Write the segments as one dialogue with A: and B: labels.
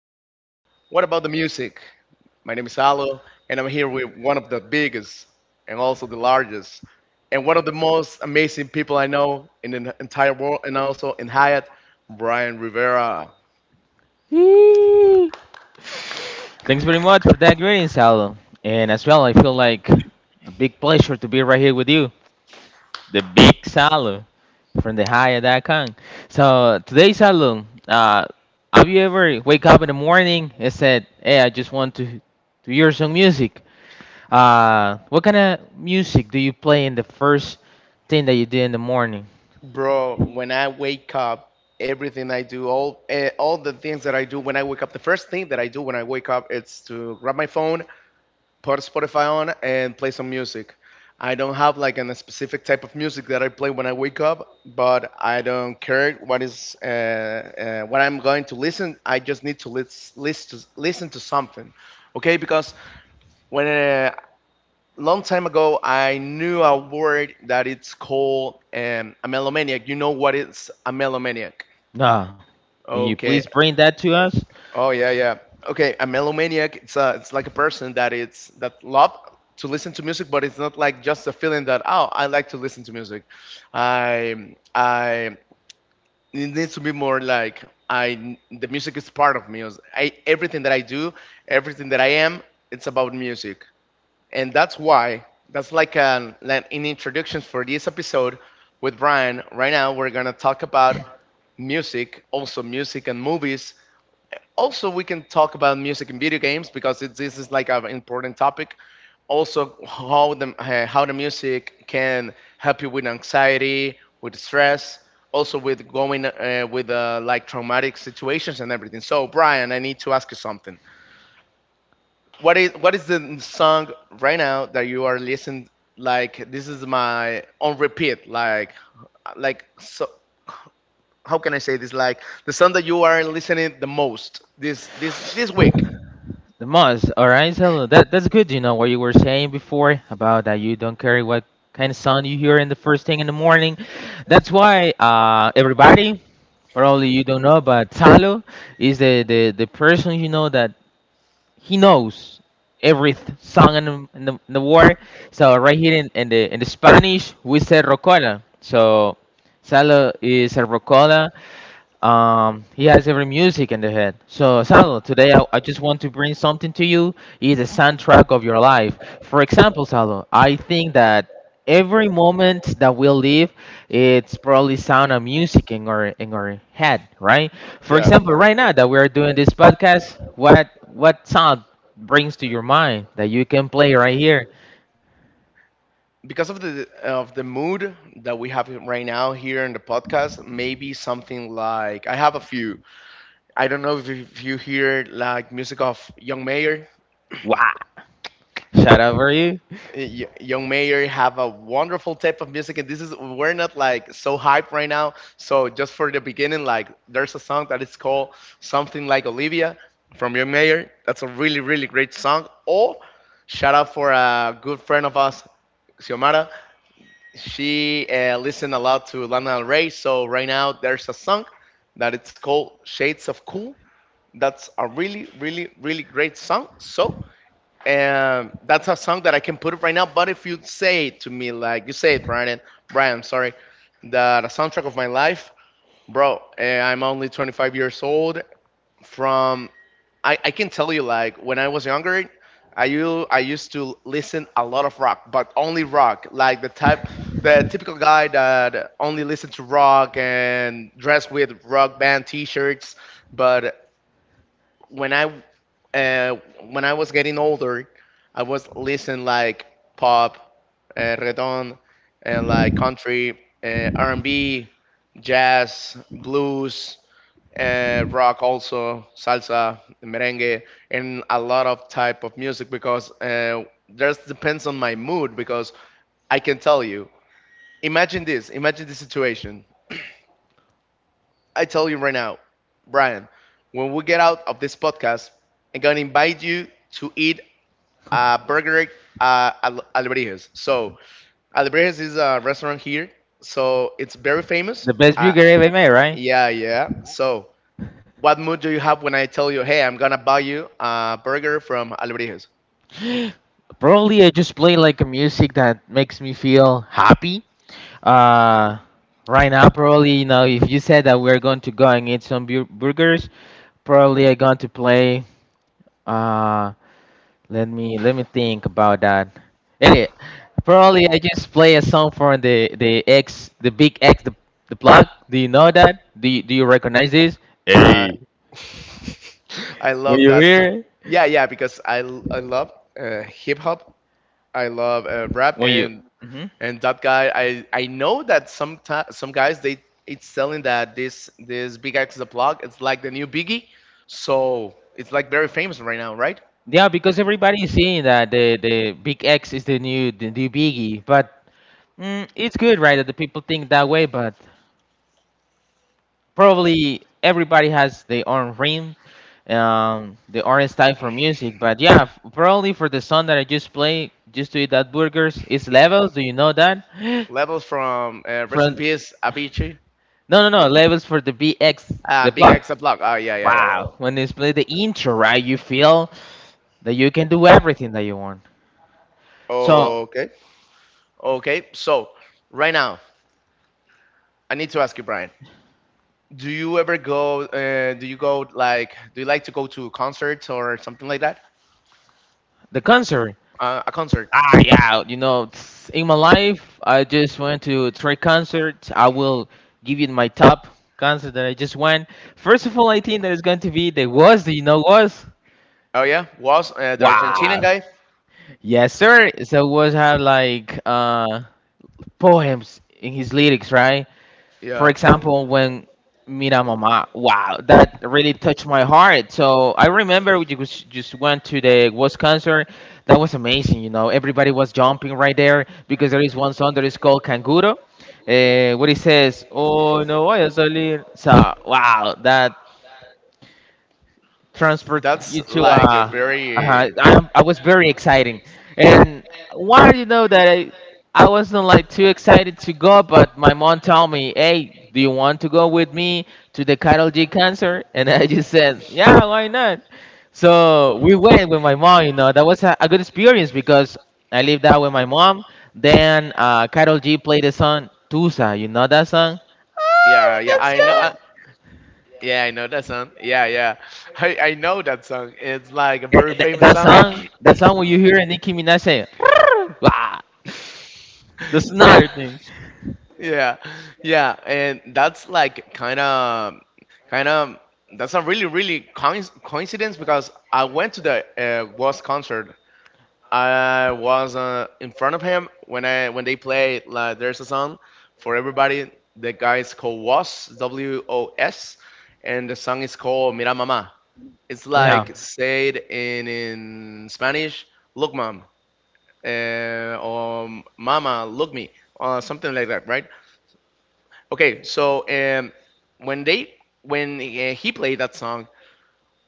A: of What About the Music? My name is Alo, and I'm here with one of the biggest and also the largest, and one of the most amazing people I know in the entire world, and also in Hyatt, Brian Rivera.
B: Thanks very much for that greetings, Salo. And as well, I feel like a big pleasure to be right here with you, the big Salo from the hi.com. So today, Salo, have you ever wake up in the morning and said, "Hey, I just want to hear some music"? What kind of music do you play in the first thing that you did in the morning?
A: Bro, when I wake up, everything I do, all the things that I do when I wake up, the first thing that I do when I wake up is to grab my phone put Spotify on and play some music. I don't have like a specific type of music that I play when I wake up, but I don't care what is what I'm going to listen. I just need to listen to something, okay? Because when long time ago I knew a word that it's called a melomaniac. You know what is a melomaniac?
B: No. Can you
A: Okay,
B: please bring that to us?
A: oh yeah, yeah. Okay, a melomaniac. It's like a person that it's that love to listen to music, but it's not like just a feeling that oh, I like to listen to music. I it needs to be more like I the music is part of me. I everything that I do, everything that I am, it's about music, and that's why that's like an introduction for this episode with Brian. Right now, we're gonna talk about music, also music and movies, also, we can talk about music in video games because it, this is like an important topic. Also, how the music can help you with anxiety, with stress, also with going with like traumatic situations and everything. So, Brian, I need to ask you something. What is the song right now that you are listening? Like this is my on repeat. Like so. How can I say this? Like the song that you are listening the most this week.
B: The most, all right. So that's good. You know what you were saying before about that you don't care what kind of sound you hear in the first thing in the morning. That's why everybody, probably you don't know, but Talo is the person you know that he knows every song in the world. So right here in the Spanish we say rocola. So Salo is a rocola. He has every music in the head. So, Salo, today I just want to bring something to you. It is a soundtrack of your life. For example, Salo, I think that every moment that we live, it's probably sound of music in our head, right? For
A: Yeah.
B: example, right now that we are doing this podcast, what sound brings to your mind that you can play right here?
A: Because of the mood that we have right now here in the podcast maybe something like I have a few. I don't know if you hear like music of Young Mayor.
B: Wow! Shout out for you.
A: Young Mayor have a wonderful type of music and this is we're not like so hype right now so just for the beginning like there's a song that is called something like Olivia from Young Mayor. That's a really, really great song. Or shout out for a good friend of us, Xiomara. She listened a lot to Lana Del Rey. So right now there's a song that it's called Shades of Cool. That's a really, really, really great song. So that's a song that I can put it right now. But if you say to me like you say it, Brian, Brian, I'm sorry, that a soundtrack of my life, bro. I'm only 25 years old from I can tell you like when I was younger, I used to listen a lot of rock, but only rock, like the type the typical guy that only listened to rock and dressed with rock band t-shirts. But when I uh, when I was getting older, I was listening like pop, reggaeton, and like country, R&B, jazz, blues rock also salsa merengue and a lot of type of music because just depends on my mood because I can tell you imagine this. Imagine this situation. I tell you right now, Brian, when we get out of this podcast I'm going to invite you to eat a burger. Albrejes. So Albrejes is a restaurant here, so it's very famous.
B: The best you
A: Uh,
B: ever made, right?
A: yeah, yeah. So what mood do you have when I tell you, hey, I'm gonna buy you a burger from Albrijos?
B: Probably I just play like a music that makes me feel happy. Uh, right now, probably you know, if you said that we're going to go and eat some burgers, probably I going to play. Uh, let me think about that. Anyway, probably I just play a song from the X, the Big X, the plug. Do you know that? Do you recognize this?
A: Uh,
B: Hey,
A: I
B: when
A: love
B: you
A: that.
B: hear it,
A: Yeah, yeah, because I love hip hop. I love rap
B: when you.
A: and
B: Mhm.
A: that guy. I know that some guys they it's telling that this Big X the Plug. It's like the new Biggie. So it's like very famous right now, right?
B: Yeah, because everybody is seeing that the Big X is the new biggie, but it's good, right, that the people think that way. But probably everybody has their own ring, their own style for music. But yeah, probably for the song that I just played, just to eat that burgers, it's levels. Do you know that?
A: Levels from Rest in
B: From
A: Peace, Avicii,
B: no, no, no, levels for the BX, the
A: Big
B: plug.
A: X the Plug. Oh yeah, yeah, yeah.
B: Wow, when they play the intro, right, you feel that you can do everything that you want. So
A: Okay. Okay, so right now I need to ask you, Brian. Do you ever go? Do you go like? Do you like to go to concerts or something like that?
B: the concert.
A: A concert?
B: Ah, yeah, you know, in my life, I just went to three concerts. I will give you my top concert that I just went. First of all, I think that is going to be the was. Do you know was?
A: Oh yeah, was the Argentinian
B: Wow.
A: guy?
B: Yes, sir. So was have like poems in his lyrics, right? For
A: Yeah,
B: example, when Mira Mama, wow, that really touched my heart. So I remember we just went to the West concert. That was amazing, you know. Everybody was jumping right there because there is one song that is called Canguro. What it says, oh no, voy a salir. So wow, that
A: that's
B: transport you
A: like a
B: to uh,
A: very.
B: uh I, I was very exciting. And why, do you know that I wasn't like too excited to go, but my mom told me, hey, do you want to go with me to the cattle g concert? And I just said, yeah, why not? So we went with my mom. You know, that was a good experience because I lived out with my mom. Then cattle g played the song tusa, you know that song. Ah,
A: Yeah,
B: we
A: yeah,
B: can
A: I know.
B: sing.
A: Yeah, I know that song. Yeah, yeah, I know that song. It's like a very
B: That,
A: famous
B: that
A: song.
B: song, that song where you hear Nicki Minaj saying, "Wah," that's another thing.
A: Yeah, yeah, and that's like kind of. That's a really, really coincidence because I went to the Ghost concert. I was in front of him when I when they played like "There's a Song" for everybody. The guy is called Was WOS, and the song is called "Mira Mamá." It's
B: You know,
A: like said in Spanish, "Look, mom," or "Mama, look me," or something like that, right? Okay, so when they when he played that song,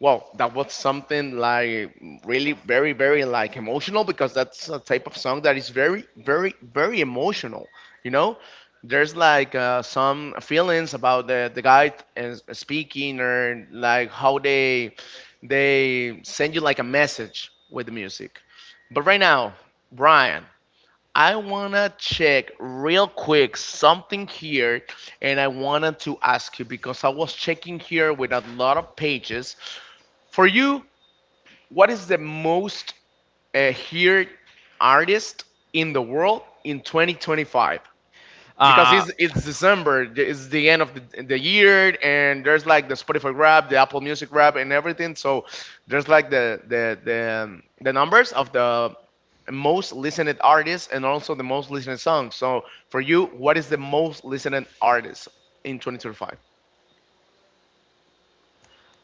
A: well, that was something like really very, very like emotional because that's a type of song that is very, very, very emotional. You know, there's like some feelings about the guy and speaking or like how they send you like a message with the music. But right now, Brian, I wanna check real quick something here, and I wanted to ask you because I was checking here with a lot of pages. For you, what is the most heard artist in the world in 2025? Because
B: uh,
A: it's December, it's the end of the year, and there's like the Spotify grab, the Apple Music grab, and everything. So there's like the the numbers of the most listened artists and also the most listened songs. So for you, what is the most listened artist in 2025?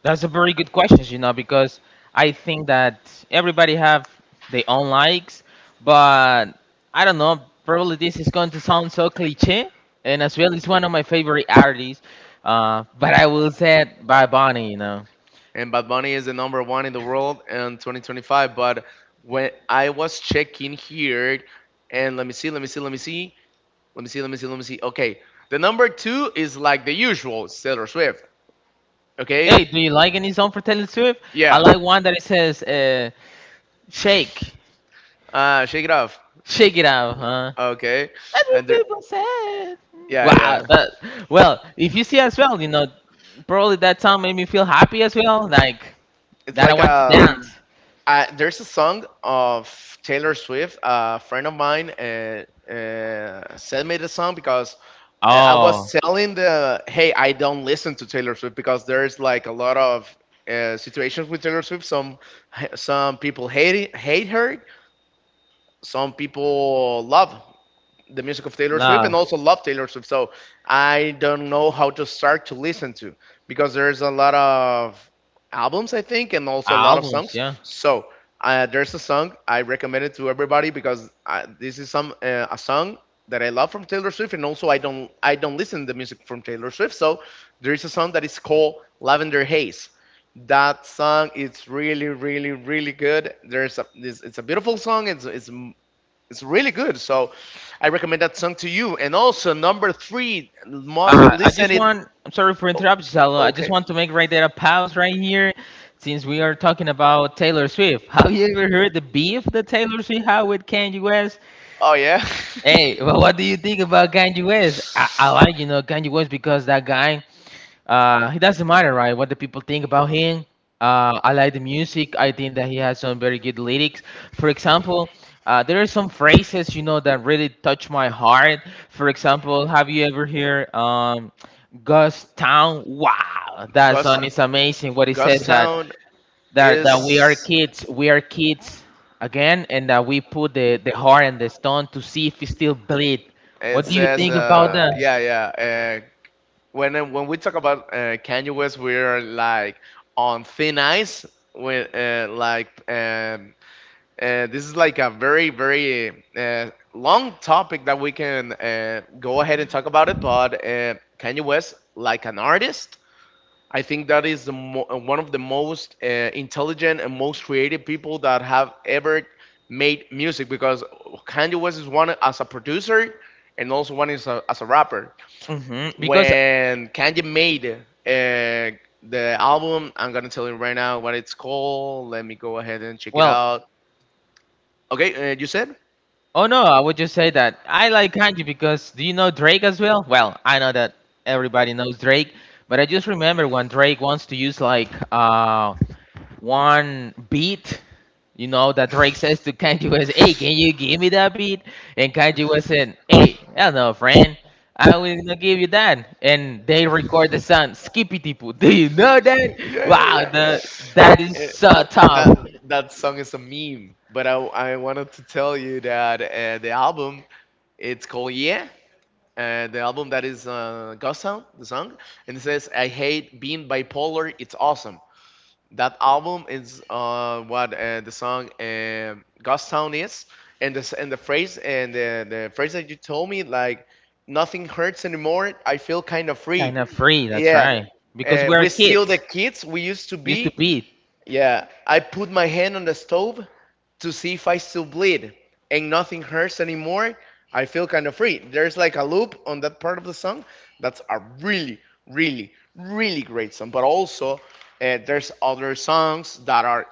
B: that's a very good question. You know, because I think that everybody have their own likes, but I don't know. Probably this is going to sound so cliche, and as well, it's one of my favorite artists. But I will say it by Bonnie. You know.
A: And Bad Bunny is the number one in the world in 2025. But when I was checking here, and let me see, let me see, let me see. Let me see, let me see, let me see. Okay, the number two is like the usual Taylor Swift. Okay.
B: Hey, do you like any song for Taylor Swift? I
A: Yeah.
B: like one that it says, "Shake,
A: Ah, shake it off.
B: shake it out, huh?"
A: Okay.
B: That's
A: And
B: what
A: there,
B: people said.
A: yeah,
B: Wow.
A: yeah.
B: That, well, if you see as well, you know, probably that song made me feel happy as well. Like
A: It's
B: that, I
A: like
B: want to
A: a
B: dance.
A: uh, there's a song of Taylor Swift. A friend of mine sent me the song because I was
B: Oh,
A: telling the hey, I don't listen to Taylor Swift because there's like a lot of situations with Taylor Swift. Some people hate it, hate her. Some people love the music of Taylor Swift
B: love
A: and also love Taylor Swift. So I don't know how to start to listen to because there's a lot of albums I think and also a lot of
B: albums,
A: songs.
B: yeah.
A: So there's a song I recommend it to everybody because I, this is some a song that I love from Taylor Swift and also I don't listen to music from Taylor Swift. So there is a song that is called Lavender Haze. That song it's really, really, really good. There's a It's a beautiful song. It's it's really good. So I recommend that song to you. And also number three, must
B: I just
A: listen it.
B: want. I'm sorry for
A: o-
B: interrupting, Salo. I just
A: Okay.
B: want to make right there a pause right here, since we are talking about Taylor Swift. Have you ever heard the beef that Taylor Swift had with Kanye West?
A: Oh yeah.
B: Hey, well, what do you think about Kanye West? I like, you know, Kanye West because that guy, he doesn't matter, right, what the people think about him. I like the music. I think that he has some very good lyrics. For example, there are some phrases, you know, that really touch my heart. For example, have you ever heard Ghost Town? Wow, that
A: Ghost
B: song is amazing. What it says that
A: Town
B: that we are
A: is
B: kids, we are kids again, and that we put the heart and the stone to see if it still bleed.
A: it
B: What do you
A: says
B: think about
A: yeah
B: that?
A: yeah when we talk about Kanye West we are like on thin ice with like this is like a very, very long topic that we can go ahead and talk about it. But Kanye West, like an artist, I think that is one of the most intelligent and most creative people that have ever made music because Kanye West is one as a producer and also one is as a rapper.
B: Because,
A: When Kanye made the album, I'm gonna tell you right now what it's called. Let me go ahead and check it
B: well,
A: out. Okay, you said?
B: oh no, I would just say that I like Kanye. Because do you know Drake as well? Well, I know that everybody knows Drake, but I just remember when Drake wants to use like one beat, you know, that Drake says to Kanye West, hey, can you give me that beat? And Kanye West said, hey, I don't know, friend. I was gonna give you that. And they record the song Skippity Poo. Do you know that?
A: Yeah,
B: Wow,
A: yeah.
B: that is
A: Eh,
B: so tough.
A: that that song is a meme. But I wanted to tell you that the album it's called Yeah. The album that is Ghost Town, the song, and it says I hate being bipolar. It's awesome. That album is what the song Ghost Town is, and the phrase and the phrase that you told me like nothing hurts anymore. I feel kind of free.
B: Kind of free, that's
A: Yeah.
B: right. Because we're
A: We're still the
B: kids,
A: kids we used to
B: used to
A: be.
B: beat.
A: Yeah, I put my hand on the stove to see if I still bleed, and nothing hurts anymore. I feel kind of free. There's like a loop on that part of the song. That's a really, really, really great song. But also, there's other songs that are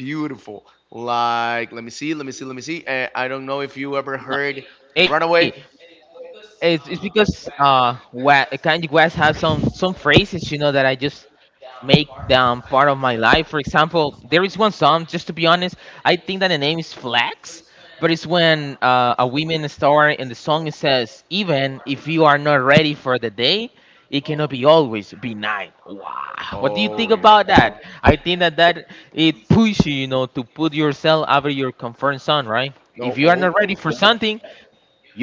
A: beautiful. Let me see, let me see, let me see. I don't know if you ever
B: No.
A: heard "Runaway."
B: Hey, it's because Kanye West has some phrases, you know, that I just make them part of my life. For example, there is one song, just to be honest, I think that the name is Flex, but it's when a women star in the song it says, even if you are not ready for the day, it cannot be always be night. Wow. What do you think
A: Oh yeah.
B: about that? I think that it pushes you, you know, to put yourself over your comfort zone, right?
A: No.
B: If you are
A: Oh.
B: not ready for something,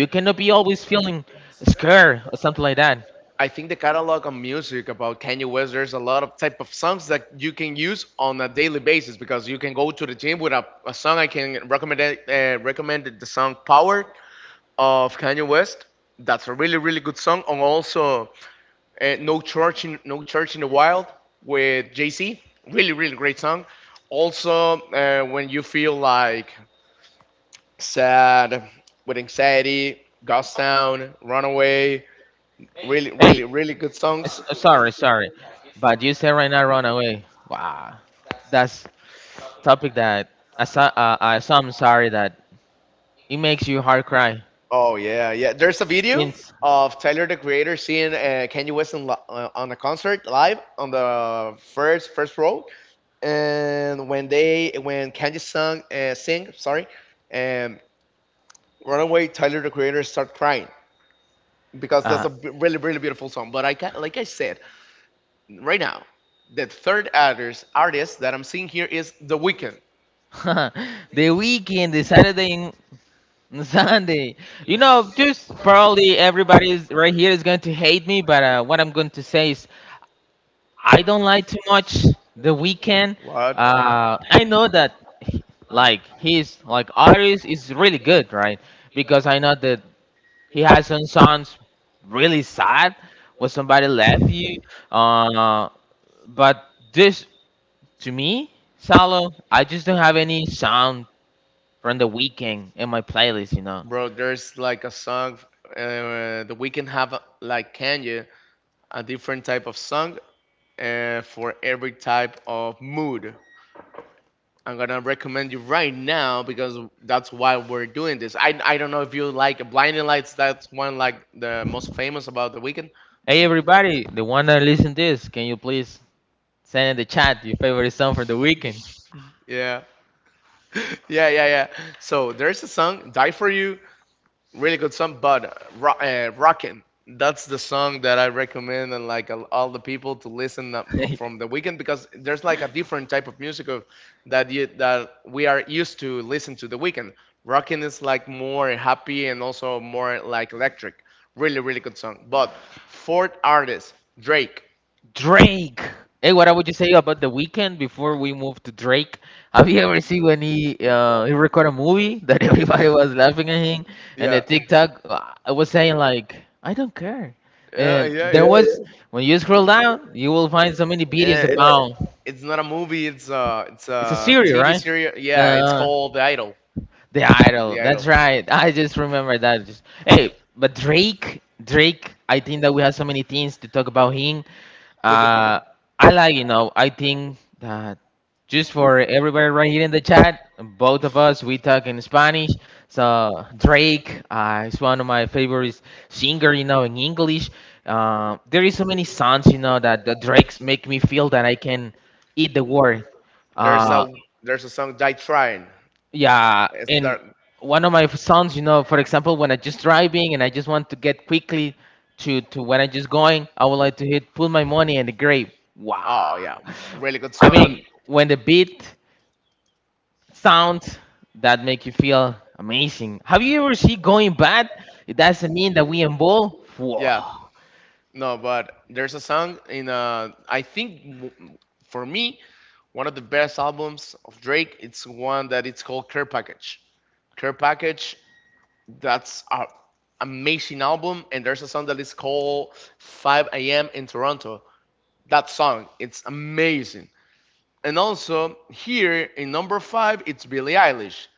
B: you cannot be always feeling scared or something like that.
A: I think the catalog on music about Kanye West, there's a lot of type of songs that you can use on a daily basis because you can go to the gym with a song. I can recommend it, recommend the song "Power" of Kanye West. That's a really good song. And also "No Church in No Church in the Wild" with Jay Z. Really great song. Also, when you feel like sad with anxiety, Ghost Town, Runaway, really really
B: Hey,
A: really good songs.
B: sorry, but you said right now run away. Wow, that's topic that I saw. I saw. I'm sorry that it makes you heart cry
A: Oh yeah, yeah. There's a video
B: since
A: of Tyler the Creator seeing Kanye West in, on a concert live on the first row, and when they when Kanye sung sing Sorry, and Runaway, Tyler the Creator start crying because that's
B: uh,
A: really really beautiful song. But I can, like I said right now, the third artist that I'm seeing here is The Weeknd.
B: the weekend, the Saturday and Sunday. You know, just probably everybody is right here is going to hate me, but what I'm going to say is I don't like too much The Weekend.
A: What?
B: I know that he- like his like artist is really good, right? Because I know that he has some songs really sad when somebody left you. Uh, but this to me, solo, I just don't have any sound from The Weekend in my playlist, you know.
A: Bro, there's like a song, The Weeknd have like Kanye a different type of song for every type of mood. I'm gonna recommend you right now because that's why we're doing this. I don't know if you like Blinding Lights. That's one like the most famous about the Weeknd.
B: Hey everybody, the one that listen this, can you please send in the chat your favorite song from The Weekend?
A: Yeah, yeah, yeah, yeah. So there's a song "Die for You," really good song. But Rockin', that's the song that I recommend and like all the people to listen up from the weekend because there's like a different type of music of, that you, that we are used to listen to the weekend. Rockin' is like more happy and also more like electric. Really, really good song. But fourth artist, Drake.
B: Drake. Hey, what would you say about the weekend before we move to Drake? Have you ever seen when he recorded a movie that everybody was laughing at him, and the
A: Yeah.
B: TikTok was saying like I don't care.
A: Yeah,
B: And
A: yeah,
B: there
A: yeah.
B: was when you scroll down, you will find so many videos
A: Eh, It's
B: about.
A: it's not a movie. It's
B: It's a
A: a
B: series,
A: TV
B: right?
A: series. Yeah, it's
B: Uh,
A: called The Idol.
B: The Idol.
A: The
B: That's
A: Idol.
B: right. I just remember that. Just hey, but Drake. I think that we have so many things to talk about him.
A: With
B: Uh, I like, you know. I think that just for everybody right here in the chat, both of us we talk in Spanish. So Drake is one of my favorite singer. You know, in English, there is so many songs you know that the Drakes make me feel that I can eat the world.
A: there's
B: Uh,
A: a song Die Trying.
B: yeah,
A: It's
B: and
A: there.
B: one of my sons, you know, for example, when I just driving and I just want to get quickly to when I just going, I would like to hit put my money in the grave. Wow.
A: Oh yeah, really good
B: I
A: song. And
B: mean, when the beat sounds that make you feel amazing. Have you ever seen going bad? It doesn't mean that we involve. Whoa.
A: yeah, no, but there's a song in I think for me one of the best albums of Drake. It's one that it's called Care Package. Care Package, that's a amazing album and there's a song that is called 5 a.m in toronto, that song it's amazing. And also here in number five it's Billie Eilish.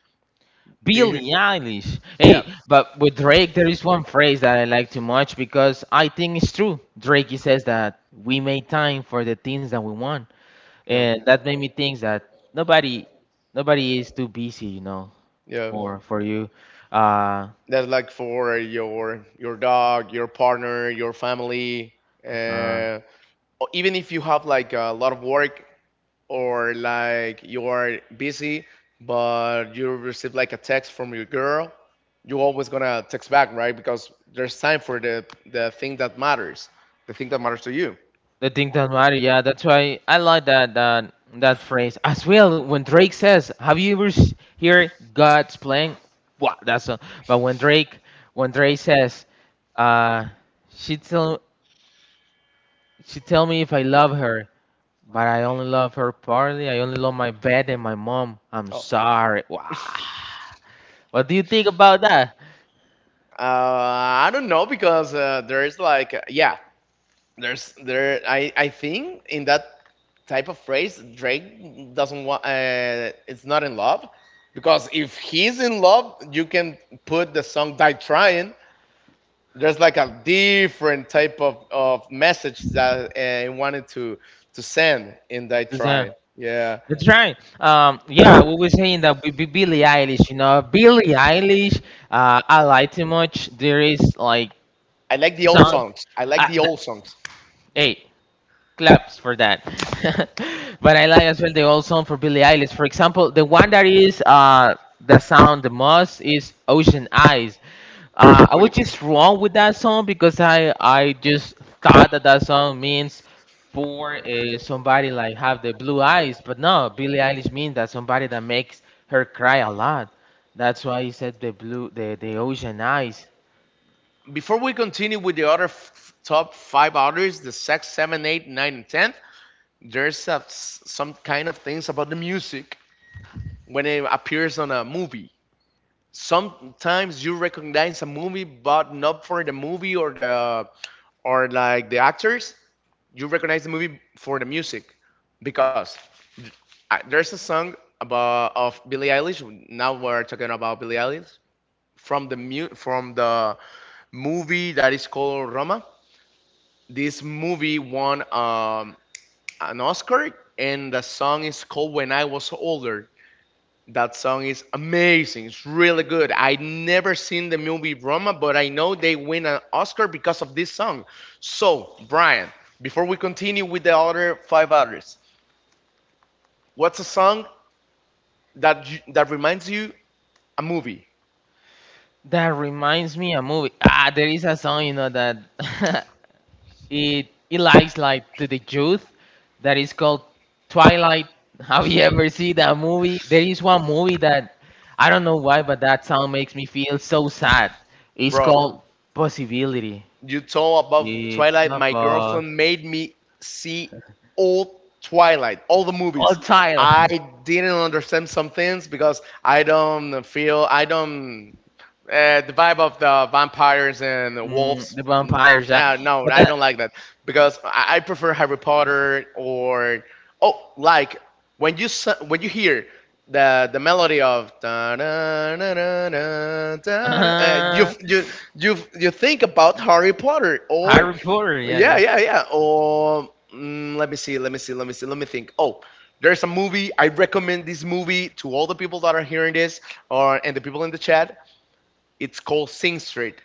A: Do you hear?
B: Billie Eilish.
A: Yeah,
B: Hey, but with Drake, there is one phrase that I like too much because I think it's true. Drake he says that we made time for the things that we want.
A: yeah,
B: And that made me think that nobody nobody is too busy, you know,
A: yeah.
B: for you uh,
A: That's like for your dog, your partner, your family,
B: uh
A: uh, or even if you have like a lot of work or like you are busy, but you receive like a text from your girl, you're always gonna text back, right? Because there's time for the thing that matters, the thing that matters to you.
B: the thing that matter. Yeah, that's why I like that phrase as well. When Drake says, have you ever hear God's playing? Wow, that's a, but when Drake says, uh she tell, she tell me if I love her, but I only love her partly. I only love my bed and my mom, I'm
A: Oh.
B: sorry.
A: uh,
B: Wow, what do you think about that?
A: I don't know because there's like yeah, there's there I think in that type of phrase Drake doesn't want, it's not in love because if he's in love you can put the song Die Trying. There's like a different type of message that I wanted to send in that
B: Design.
A: trying. Yeah,
B: That's right. Yeah, we were saying that with Billie Eilish, you know, Billie Eilish, I like too much. There is like
A: I like the old
B: song.
A: songs. I
B: Uh,
A: like the
B: th-
A: old songs.
B: hey, claps for that. But I like as well the old song for Billie Eilish. For example, the one that is the sound the most is Ocean Eyes. I was
A: Really.
B: just wrong with that song because I just thought that that song means for somebody like have the blue eyes, but no, Billie Eilish means that somebody that makes her cry a lot. That's why he said the blue the ocean eyes.
A: Before we continue with the other top five artists, the six, seven, eight, nine, and tenth, there's a, some kind of things about the music when it appears on a movie. Sometimes you recognize a movie but not for the movie or the or like the actors, you recognize the movie for the music. Because there's a song about of Billie Eilish, now we're talking about Billie Eilish, from the from the movie that is called Roma. This movie won an Oscar, and the song is called When I Was Older. That song is amazing. It's really good. I never seen the movie Roma, but I know they win an Oscar because of this song. So, Brian, before we continue with the other five artists, what's a song that that reminds you a movie,
B: That reminds me a movie. Ah, there is a song, you know, that it lies like to the youth that is called Twilight. Have you ever seen that movie? There is one movie that I don't know why, but that sound makes me feel so sad. It's
A: bro?
B: called Possibility.
A: You told about Twilight. My girlfriend made me see all Twilight, all the
B: All
A: movies.
B: child.
A: I didn't understand some things because I don't feel I don't the vibe of the vampires and the
B: Mm,
A: wolves.
B: the vampires, yeah.
A: No,
B: But
A: I
B: that
A: don't like that because I prefer Harry Potter. Or oh, like when you when you hear the melody of da da da da da da,
B: uh,
A: you you think about Harry Potter. Or
B: Harry Potter, yeah,
A: yeah,
B: yeah.
A: yeah, yeah. Or let me see, let me see, let me see, let me think. Oh. There's a movie. I recommend this movie to all the people that are hearing this, or and the people in the chat. It's called Sing Street.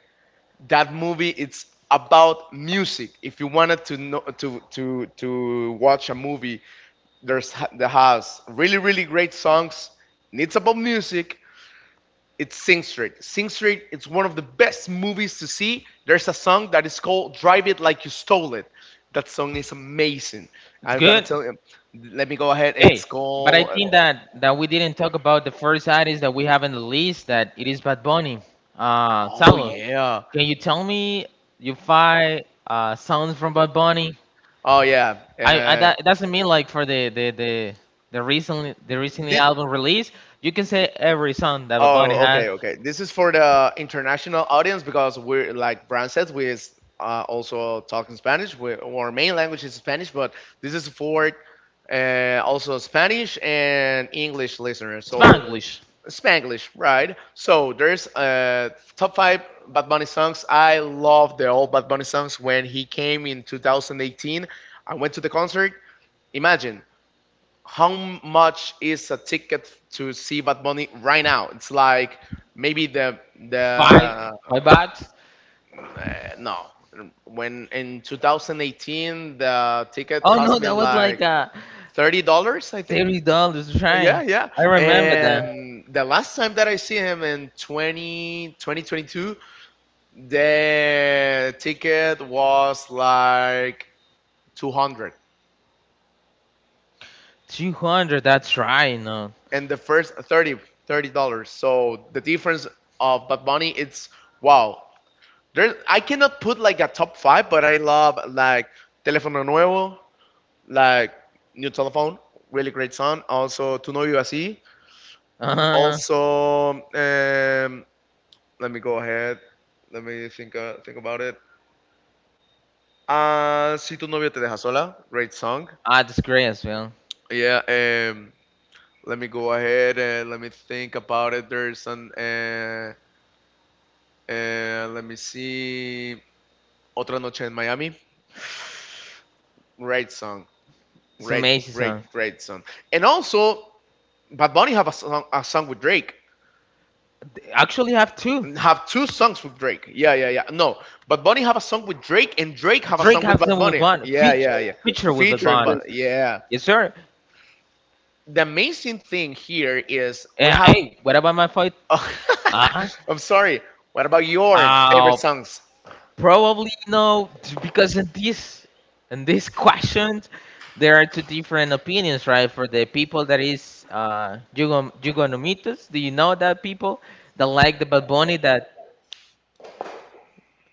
A: That movie it's about music. If you wanted to know, to watch a movie, there's that has really really great songs. And it's about music. It's Sing Street. Sing Street. It's one of the best movies to see. There's a song that is called "Drive It Like You Stole It." That song is amazing.
B: It's
A: I'm gonna
B: good.
A: tell you. Let me go ahead.
B: Hey,
A: It's
B: but I
A: called.
B: think that we didn't talk about the first artist that we have on the list. That it is Bad Bunny.
A: Oh
B: Salo,
A: yeah.
B: can you tell me your five songs from Bad Bunny?
A: Oh yeah.
B: I
A: Uh,
B: that it doesn't mean like for the recently
A: this.
B: album release. You can say every song that Bad Bunny
A: Oh,
B: has.
A: okay, okay. This is for the international audience because we're like Brian said, we're also talking Spanish. We, our main language is Spanish, but this is for also Spanish and English listeners. So
B: Spanglish.
A: Spanglish, right? So there's top five Bad Bunny songs. I love the old Bad Bunny songs when he came in 2018. I went to the concert. Imagine how much is a ticket to see Bad Bunny right now? It's like maybe
B: Five
A: the
B: five bucks.
A: no, when in 2018 the ticket
B: Oh no,
A: cost me
B: that was like
A: like $30, I think.
B: $30. Trying,
A: Yeah, yeah.
B: I remember that.
A: And the last time that I see him in 2022, the ticket was like 200.
B: 200, that's right, no.
A: And the first $30. So the difference of Bad Bunny, it's wow. There, I cannot put like a top five, but I love like Telefono Nuevo, like New Telephone, really great song. Also Tu Novio Así.
B: Uh-huh.
A: Also, let me go ahead. Let me think about it. Si tu novio te deja sola, great song.
B: Ah, that's great as well.
A: Yeah. Let me go ahead and let me think about it. There's an let me see. Otra Noche in Miami. Great song.
B: It's
A: Great,
B: amazing
A: great,
B: song.
A: great song. And also, Bad Bunny have a song with Drake.
B: They actually have two.
A: Have two songs with Drake. Yeah, yeah, yeah. No, Bad Bunny have a song with Drake, and Drake have a
B: Drake
A: song with
B: has
A: Bad
B: them with
A: Bunny.
B: Bond.
A: Yeah,
B: Feature,
A: yeah, yeah.
B: feature with Bad
A: Featuring,
B: Bunny.
A: but yeah.
B: Yes, sir.
A: The amazing thing here is we
B: Yeah,
A: have.
B: hey, what about my fight?
A: Oh.
B: Uh,
A: I'm sorry. What about your favorite
B: uh,
A: songs?
B: probably no, because in this question, there are two different opinions, right? For the people that is Jugonomitas, do you know that people that like the Bad Bunny that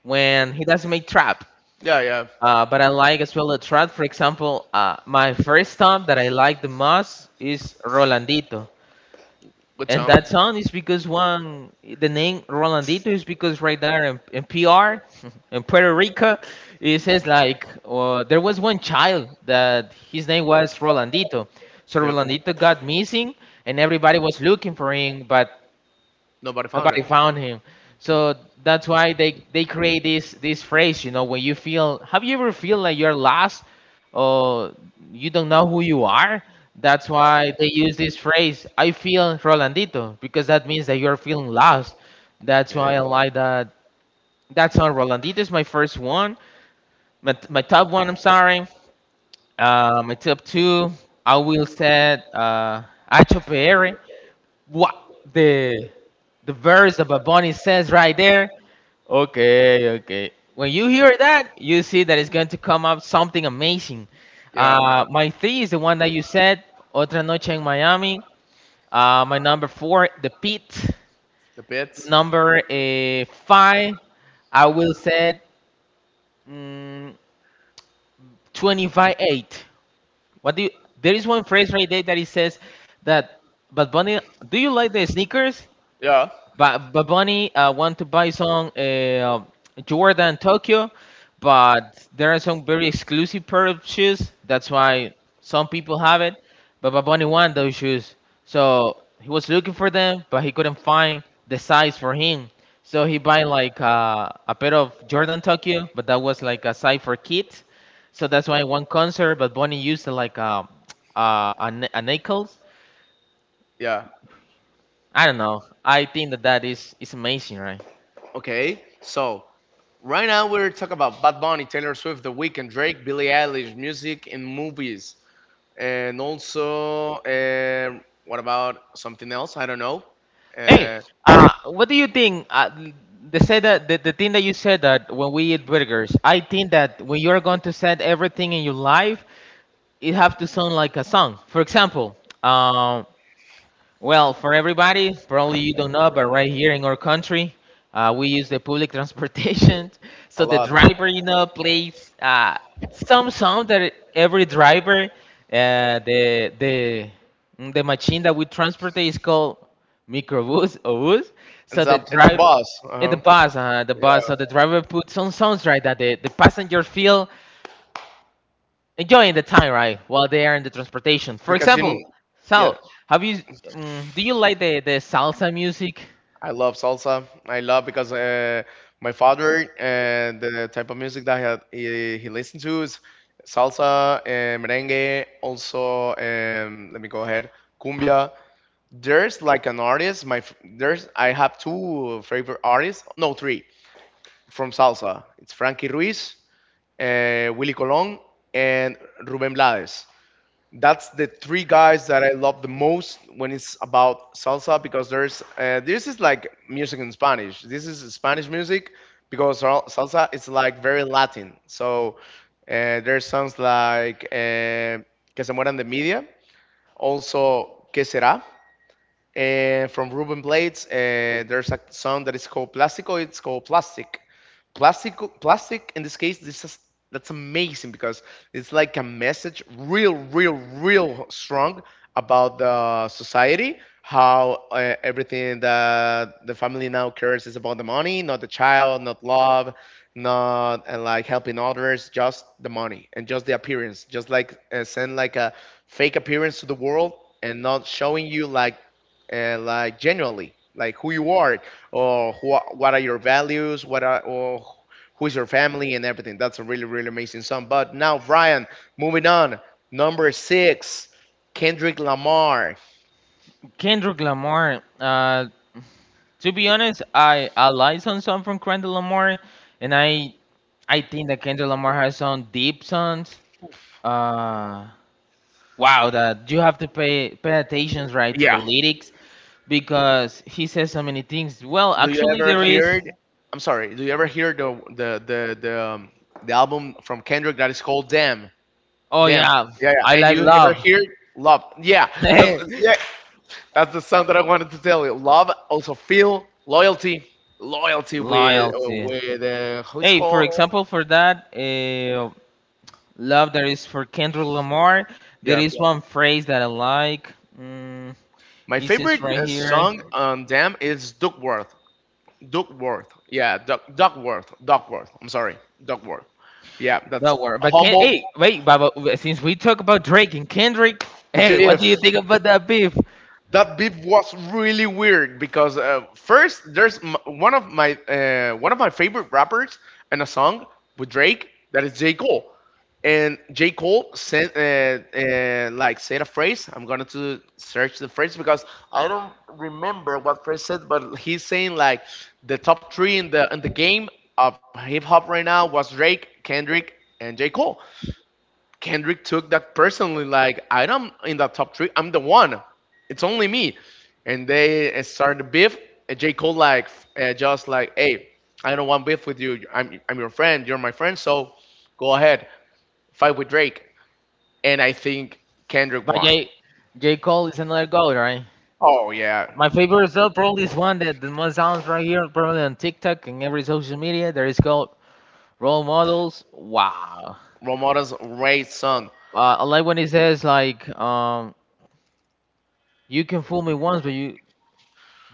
B: when he doesn't make trap?
A: Yeah, yeah.
B: But I like as well a trap. For example, my first song that I like the most is Rolandito.
A: Good
B: And
A: song.
B: that song is because one, the name Rolandito is because right there in PR, in Puerto Rico, it says like, there was one child that his name was Rolandito. So
A: Yep.
B: Rolandito got missing and everybody was looking for him, but
A: Nobody found
B: nobody
A: it.
B: found him. So that's why they create this phrase, you know. When you feel, have you ever feel like you're lost or you don't know who you are? That's why they use this phrase, I feel Rolandito, because that means that you're feeling lost. That's why
A: Okay.
B: I like that. That's on Rolandito is my first one. My top one, I'm sorry. My top two, I will say Acho, what the the verse that Bad Bunny says right there? Okay, okay. When you hear that, you see that it's going to come up something amazing.
A: Yeah.
B: My three is the one that you said, Otra Noche in Miami. My number four, The Pit.
A: The bits.
B: Number five, I will say mm, 25-8. What do you, there is one phrase right there that he says that, but Bunny, do you like the sneakers?
A: Yeah.
B: But Bad Bunny want to buy some Jordan Tokyo, but there are some very exclusive pair of shoes. That's why some people have it. But Bad Bunny want those shoes, so he was looking for them, but he couldn't find the size for him. So he buy like a pair of Jordan Tokyo, but that was like a size for kids. So that's why one concert, but Bunny used like a nickels.
A: Yeah.
B: I don't know. I think that is amazing, right?
A: Okay. So right now we're talking about Bad Bunny, Taylor Swift, The Weeknd, Drake, Billie Eilish, music and movies, and also what about something else? I don't know.
B: Hey,
A: Uh,
B: what do you think? They said that the thing that you said that when we eat burgers, I think that when you're going to set everything in your life, it have to sound like a song. For example, um, well, for everybody, probably you don't know, but right here in our country, we use the public transportation. So
A: a
B: the
A: lot.
B: driver, you know, plays some song that every driver, uh, the the the machine that we transport is called microbus or bus.
A: It's
B: So the
A: a
B: driver,
A: boss.
B: the
A: Uh-huh.
B: bus, the bus.
A: Yeah,
B: So the driver puts some songs right that the passenger feel enjoying the time right while they are in the transportation. For
A: because
B: example,
A: yeah,
B: Sal, have you, do you like the salsa music?
A: I love salsa. I love because my father and the type of music that he listened to is salsa and merengue. Also, let me go ahead, cumbia. There's like an artist. There's I have two favorite artists. No, three from salsa. It's Frankie Ruiz, Willy Colon, and Ruben Blades. That's the three guys that I love the most when it's about salsa because there's this is like music in Spanish. This is Spanish music because salsa is like very Latin. So there's songs like Que se mueran de media, also Que será, from Ruben Blades. There's a song that is called Plastico. It's called Plastic. Plastic, plastic. In this case, this is that's amazing because it's like a message, real, real, real strong about the society. How everything that the family now cares is about the money, not the child, not love, not like helping others, just the money and just the appearance. Just like send like a fake appearance to the world and not showing you like and like generally like who you are or who, what are your values, what are or who's your family and everything. That's a really really amazing song. But now, Brian, moving on, number six, Kendrick Lamar.
B: Kendrick Lamar, to be honest, I like some song from Kendrick Lamar and I think that Kendrick Lamar has some deep songs. Uh, wow, that you have to pay attention, right, to the lyrics because he says so many things. Well,
A: Do you
B: actually,
A: ever
B: there is,
A: hear, I'm sorry, do you ever hear the album from Kendrick that is called Damn?
B: oh
A: Damn,
B: yeah,
A: yeah, yeah.
B: I
A: And
B: like
A: you ever
B: Love
A: hear Love? Yeah, that's, yeah, that's the sound that I wanted to tell you. Love, also feel Loyalty, Loyalty with
B: Loyalty.
A: how it's
B: Hey, for
A: called.
B: example, for that love that is for Kendrick Lamar, there
A: Yeah,
B: is one phrase that I like. Mm,
A: my
B: it's just
A: favorite
B: right here.
A: song on them is Duckworth. Duckworth. Yeah, Duckworth. Duckworth. I'm sorry, Duckworth. Yeah, that's
B: Don't worry. But can, hey,
A: humble.
B: wait, but since we talk about Drake and Kendrick,
A: The
B: hey, what
A: beef.
B: do you think about that beef?
A: That beef was really weird because first one of my favorite rappers and a song with Drake that is J Cole, and J Cole sent like said a phrase. I'm gonna to search the phrase because I don't remember what phrase said, but he's saying like the top three in the game of hip hop right now was Drake, Kendrick, and J Cole. Kendrick took that personally, like I am in the top three. I'm the one. It's only me. And they started beef. J Cole like just like, hey, I don't want beef with you. I'm your friend. You're my friend. So go ahead, fight with Drake. And I think Kendrick
B: But
A: won.
B: J Cole is another goat, right?
A: Oh yeah,
B: My favorite song probably is one that the most sounds right here, probably on TikTok and every social media. There is called Role Models. Wow.
A: Ramona's great song.
B: I like when he says like, you can fool me once, but you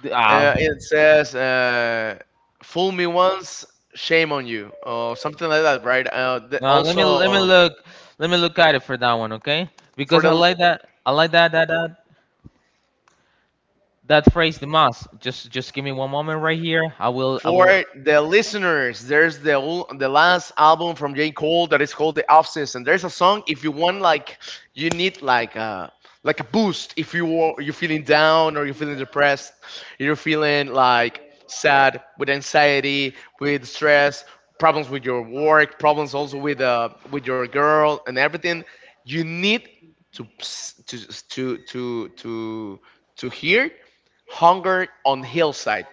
B: ah.
A: It says, "Fool me once, shame on you," or something like that, right?
B: No, let me let me look, let me look at it for that one, okay?
A: For
B: Because I
A: the
B: like that, I like that phrase the most. Just give me one moment right here. I will I
A: For
B: will.
A: the listeners, there's the the last album from J. Cole that is called The Off Season. There's a song if you want like you need like a boost if you you're feeling down or you're feeling depressed, you're feeling like sad with anxiety, with stress, problems with your work, problems also with your girl and everything. You need to to to to to to hear hunger on hillside.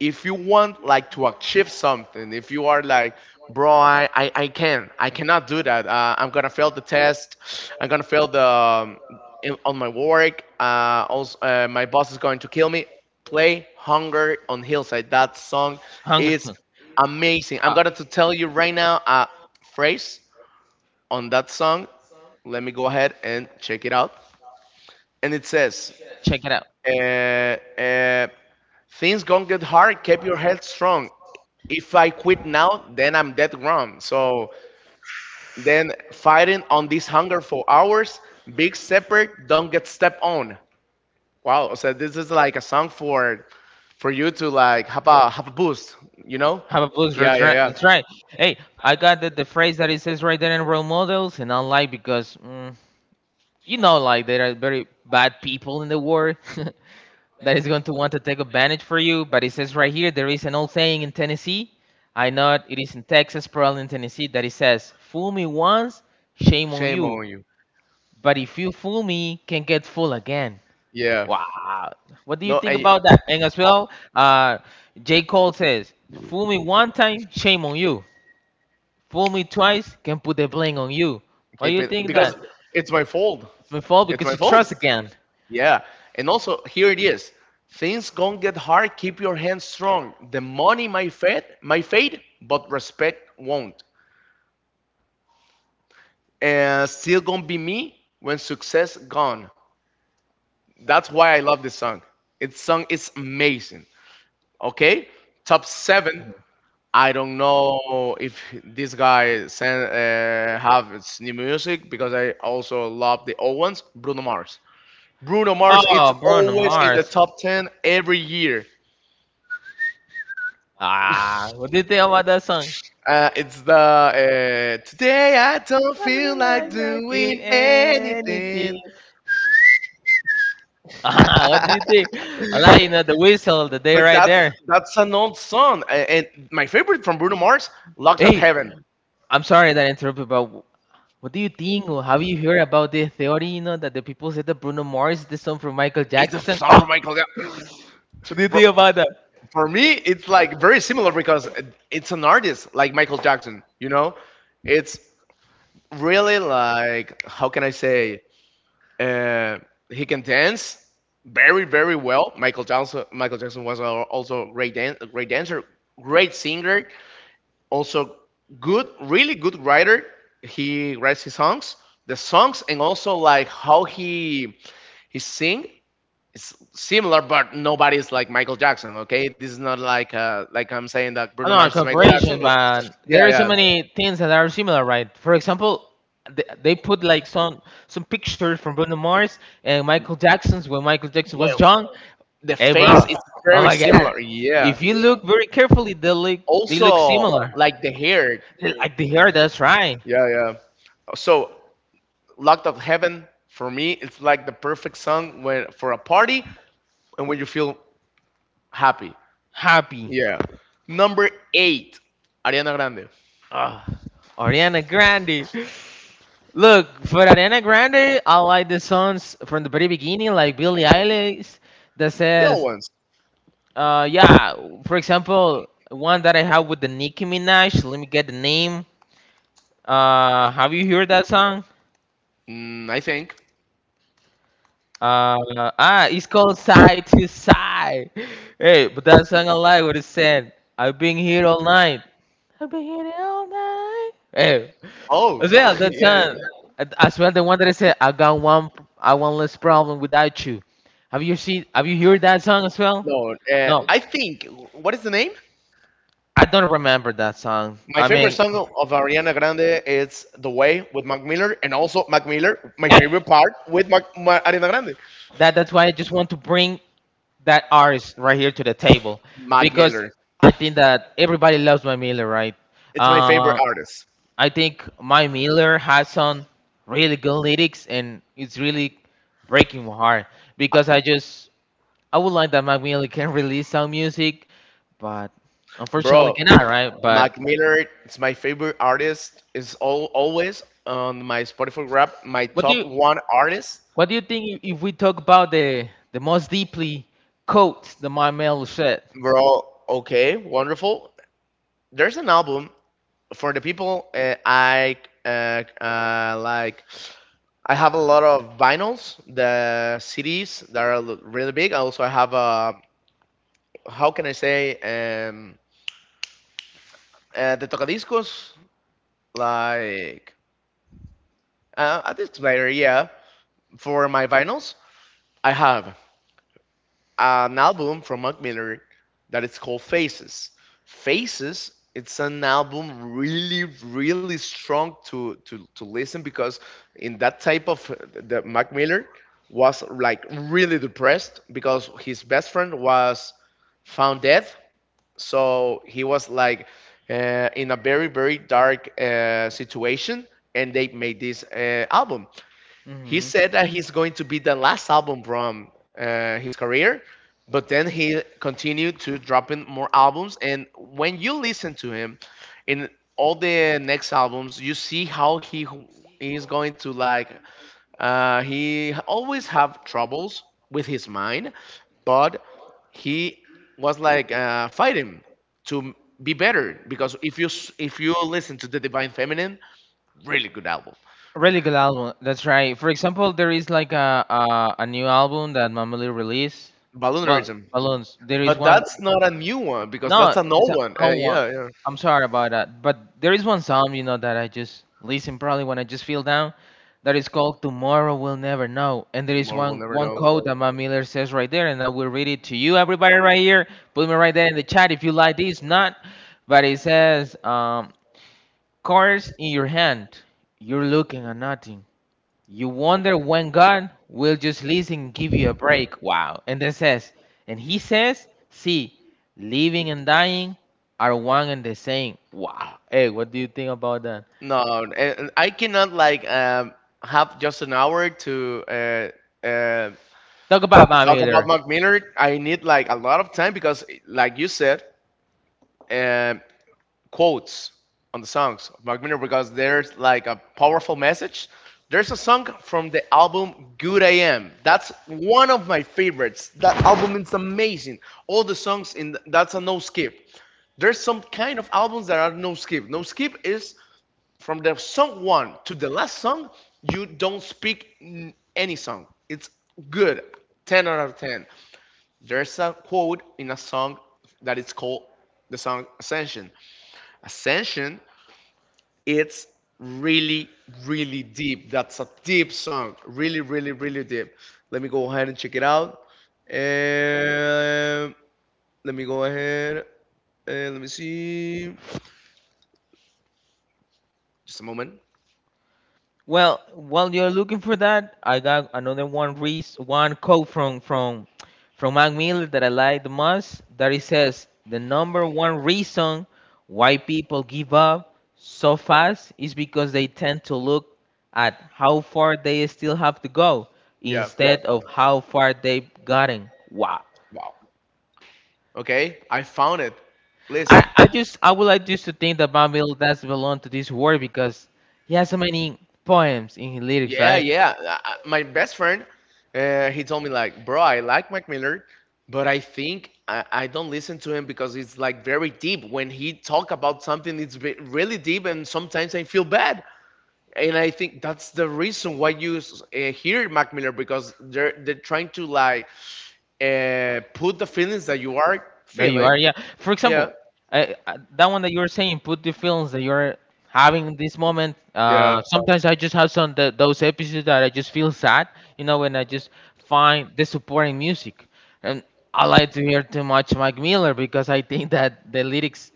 A: If you want like to achieve something, if you are like, bro, I can, I cannot do that. I'm gonna fail the test. I'm gonna fail the on my work. My boss is going to kill me. Play hunger on hillside. That song
B: Hungerton.
A: is
B: Uh,
A: amazing. I'm gonna to tell you right now a phrase on that song. Let me go ahead and check it out. And it says,
B: Check it out.
A: uh, uh, Things gonna get hard. Keep your head strong. If I quit now, then I'm dead wrong. So then fighting on this hunger for hours, big separate, don't get stepped on. Wow. So this is like a song for you to like have a boost, you know?
B: Have a blues.
A: Yeah,
B: That's
A: yeah,
B: right.
A: yeah.
B: That's right. Hey, I got the phrase that it says right there in Role Models, and I like because mm, you know, like there are very bad people in the world that is going to want to take advantage for you. But it says right here, there is an old saying in Tennessee. I know it is in Texas, probably in Tennessee, that it says, "Fool me once, shame on
A: Shame
B: you.
A: on you.
B: But if you fool me, can get fooled again."
A: Yeah.
B: Wow, what do you
A: No,
B: think
A: and
B: about that? And as well, J. Cole says, "Fool me one time, shame on you. Fool me twice, can put the blame on you. Why
A: Keep
B: you
A: it
B: think
A: because
B: that?
A: it's my fault.
B: It's my fault
A: It's
B: because
A: my
B: you
A: fault.
B: trust again."
A: Yeah. And also here it is. Things gonna get hard, keep your hands strong. The money might fade, but respect won't. And still gonna be me when success gone. That's why I love this song. Its song is amazing. Okay? Top seven. I don't know if this guy send, have its new music because I also love the old ones. Bruno Mars. Bruno Mars, it's
B: Oh, Bruno
A: always in the
B: Mars.
A: top 10 every year.
B: Ah, what do you think about that song?
A: It's the today I don't feel
B: Nothing
A: like
B: like, like you
A: doing
B: anything.
A: anything.
B: Ah, what do you
A: But
B: think? I like, you know, the whistle, the day right
A: that's
B: there.
A: that's an old song, and my favorite from Bruno Mars, "Locked at
B: Hey,
A: Heaven,"
B: I'm sorry that I interrupted, but what do you think or have you heard about the theory, you know, that the people said that Bruno Mars is the song from Michael
A: is the
B: Jackson?
A: song
B: What
A: from Michael.
B: do you
A: Jackson.
B: think
A: Bro,
B: about that?
A: for me, it's like very similar because it's an artist like Michael Jackson. You know, it's really like how can I say Uh, he can dance very, very well. Michael Jackson, Michael Jackson was also a great, a great dancer, great singer, also good, really good writer. He writes his songs, the songs, and also like how he sing is similar, but nobody's like Michael Jackson. Okay, this is not like like I'm saying that Bruno
B: Oh, no,
A: Mars is Michael Jackson,
B: cooperation,
A: but
B: but
A: yeah,
B: there are so
A: yeah.
B: many things that are similar, right? For example, they put like some pictures from Bruno Mars and Michael Jackson's when Michael Jackson
A: Well,
B: was young.
A: the
B: Hey, bro!
A: face is
B: Oh
A: very
B: my God!
A: similar. Yeah.
B: If you look very carefully, they look
A: Also,
B: similar.
A: like the hair.
B: They, like the hair, that's right.
A: Yeah, yeah. So, Locked Up Heaven for me, it's like the perfect song when for a party and when you feel happy.
B: Happy.
A: Yeah. Number eight, Ariana Grande.
B: Ah, Ariana Grande. Look, for Ariana Grande, I like the songs from the very beginning, like Billie Eilish, that
A: The old
B: says,
A: ones,
B: Yeah. For example, one that I have with the Nicki Minaj. Let me get the name. Have you heard that song?
A: I think.
B: Uh, ah, it's called Side to Side. Hey, but that song I like what it said. I've been here all night. Hey,
A: Oh,
B: as well that
A: yeah, yeah.
B: song. As well the one that I said. I got one. I one less problem without you. Have you seen? Have you heard that song as well?
A: No,
B: No,
A: I think. What is the name?
B: I don't remember that song.
A: My
B: I
A: favorite
B: mean,
A: song of Ariana Grande is "The Way" with Mac Miller, and also Mac Miller. My favorite part with Ariana Grande,
B: that that's why I just want to bring that artist right here to the table
A: Mac
B: because
A: Miller.
B: I think that everybody loves my Miller, right?
A: It's my favorite
B: Uh,
A: artist,
B: I think my Miller has some really good lyrics and it's really breaking my heart because I just, I would like that my Miller can release some music, but unfortunately
A: bro.
B: cannot, right? But
A: Mac Miller. It's my favorite artist. It's all always on my Spotify rap. My
B: what do
A: top
B: you,
A: one artist,
B: what do you think if we talk about the most deeply quotes that my Miller said?
A: bro. Okay, wonderful. There's an album for the people I like. I have a lot of vinyls, the CDs that are really big. Also, I have how can I say, um, the tocadiscos, like a disc player, yeah, for my vinyls. I have. An album from Mac Miller that is called Faces. Faces, it's an album really, really strong to to listen because in that type of the Mac Miller was like really depressed because his best friend was found dead. So he was like in a very, very dark situation, and they made this album. He
B: Hmm,
A: said that he's going to be the last album from his career, but then he continued to dropping more albums. And when you listen to him in all the next albums, you see how he is going to like. He always have troubles with his mind, but he was like fighting to be better because if you if you listen to the Divine Feminine, really good album.
B: really good album. That's right. For example, there is like a, new album that Mamali released. Well,
A: Balloonerism.
B: Balloons. There is
A: But
B: one.
A: that's not a new one because
B: No,
A: that's an
B: it's
A: old
B: a
A: one.
B: old one.
A: Yeah, yeah.
B: I'm sorry about that. But there is one song, you know, that I just listen probably when I just feel down. That is called "Tomorrow We'll Never Know." And there is
A: Tomorrow we'll
B: one
A: never
B: one
A: know.
B: quote that Matt Miller says right there, and I will read it to you, everybody, right here. Put me right there in the chat if you like this. Not, but it says, "Cards in your hand, you're looking at nothing." You wonder when God will just listen, and give you a break. Wow. And then says, and he says, see, living and dying are one and the same. Wow. Hey, what do you think about that?
A: No, and I cannot like have just an hour to
B: Talk about Matt
A: talk about
B: Miller.
A: Mac Miller. I need like a lot of time because, like you said, um, quotes on the songs of Mark Miller because there's like a powerful message. There's a song from the album Good I Am. That's one of my favorites. That album is amazing. All the songs in that's a no skip. There's some kind of albums that are no skip. No skip is from the song one to the last song, you don't speak any song. It's good. 10 out of 10. There's a quote in a song that is called the song Ascension. Ascension it's really, really deep. That's a deep song. Really, really, really deep. Let me go ahead and check it out. And let me go ahead and let me see. Just a moment.
B: Well, while you're looking for that, I got another one quote from from Mac Miller that I like the most. That it says the number one reason why people give up so fast is because they tend to look at how far they still have to go. Yeah.
A: Yeah.
B: Instead of how far they've gotten. Wow.
A: Wow. Okay. I found it. Listen.
B: I just I would like just to think that Mac Miller does belong to this world because he has so many poems in his lyrics,
A: Yeah,
B: right?
A: yeah. My best friend, he told me like, bro, I like Mac Miller, but I think I don't listen to him because it's like very deep. When he talk about something, it's really deep, and sometimes I feel bad. And I think that's the reason why you hear Mac Miller because they're trying to like put the feelings that you are
B: That you
A: feeling.
B: are, yeah. For
A: Yeah,
B: example, I that one that you were saying, put the films that you're having this moment.
A: yeah.
B: Sometimes I just have some th those episodes that I just feel sad, you know, when I just find the supporting music. And I like to hear too much Mike Miller because I think that the lyrics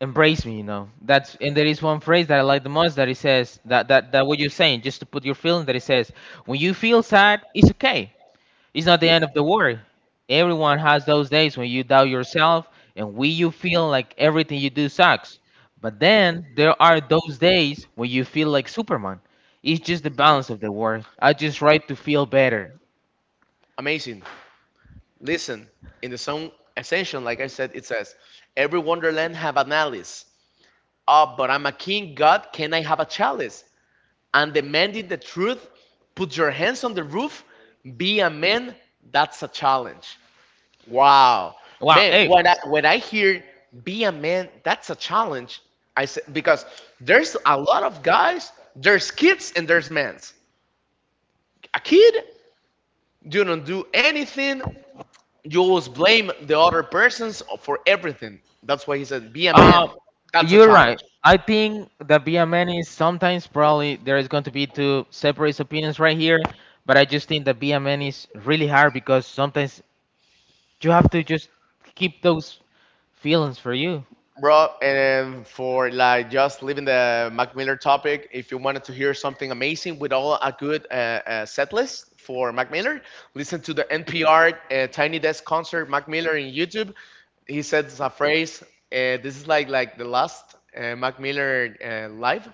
B: embrace me, you know. That's and there is one phrase that I like the most that it says that that what you're saying, just to put your feeling that it says, when you feel sad, it's okay. It's not the end of the world. Everyone has those days when you doubt yourself and when you feel like everything you do sucks. But then there are those days when you feel like Superman. It's just the balance of the world. I just try to feel better.
A: Amazing. Listen, in the song Ascension, like I said, it says, Every wonderland have an Alice. Ah, but I'm a king, God, can I have a chalice? And demanding the truth, put your hands on the roof, be a man, that's a challenge. Wow.
B: Wow,
A: Man,
B: hey,
A: when I hear be a man, that's a challenge. I said because there's a lot of guys, there's kids and there's men's. A kid, you don't do anything, you always blame the other persons for everything. That's why he said, be a man.
B: uh,
A: That's a
B: you're
A: challenge.
B: right. I think that being man is sometimes probably there is going to be two separate opinions right here, but I just think that being man is really hard because sometimes you have to just keep those feelings for you.
A: Bro, and for like just leaving the Mac Miller topic, if you wanted to hear something amazing with all a good set list for Mac Miller, listen to the NPR Tiny Desk concert Mac Miller in YouTube. He says a phrase. This is like the last Mac Miller live.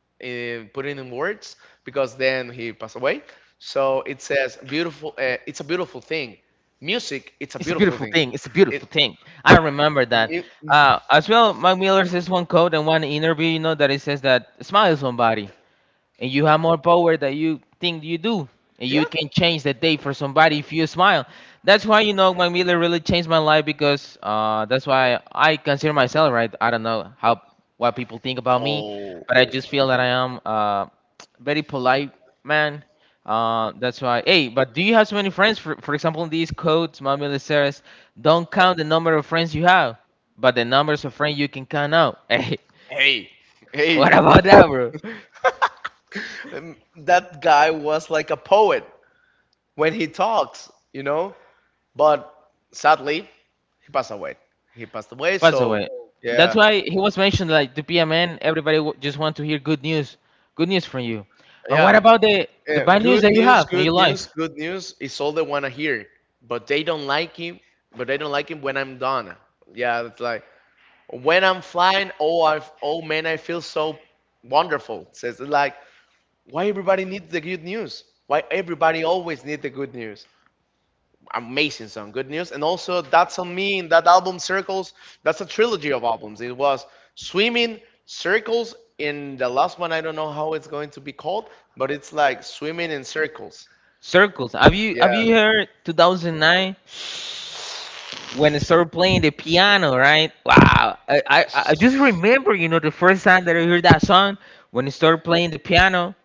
A: Putting in words because then he passed away. So it says beautiful. It's a beautiful thing. Music. It's a
B: It's a
A: beautiful
B: beautiful
A: thing.
B: thing. It's a
A: It.
B: beautiful thing. I remember that.
A: mu- mm,
B: As well, Mac Miller says one quote and one interview, you know, that it says that smile somebody and you have more power than you think you do. And you
A: yeah.
B: can change the day for somebody if you smile. That's why you know Mac Miller really changed my life because that's why I consider myself right. I don't know how what people think about me,
A: Oh.
B: but I just feel that I am very polite man. That's why. Hey, but do you have so many friends? For example, in these quotes, Mac Miller says, "Don't count the number of friends you have, but the numbers of friends you can count out." Hey,
A: Hey. Hey.
B: what about that, bro?
A: That guy was like a poet when he talks. You know. But sadly, he passed away. He passed away.
B: Pass
A: So
B: away. That's
A: yeah.
B: why he was mentioned like to be a man. Everybody just want to hear good news from you. But what
A: Yeah.
B: about the
A: Yeah,
B: bad news
A: good
B: that you
A: news,
B: have in
A: good
B: your
A: news,
B: life?
A: good news is all they wanna hear. But they don't like him. But they don't like him when I'm done. Yeah, it's like when I'm flying. Oh, I oh man, I feel so wonderful. Says it's like why everybody needs the good news. Why everybody always need the good news amazing song, good news. And also, that's on me in that album circles. That's a trilogy of albums. It was swimming circles in the last one. I don't know how it's going to be called, but it's like swimming in circles.
B: Circles. Have you have
A: Yeah,
B: you heard 2009 when I started playing the piano? Right. Wow. I just remember you know the first time that I heard that song when I started playing the piano.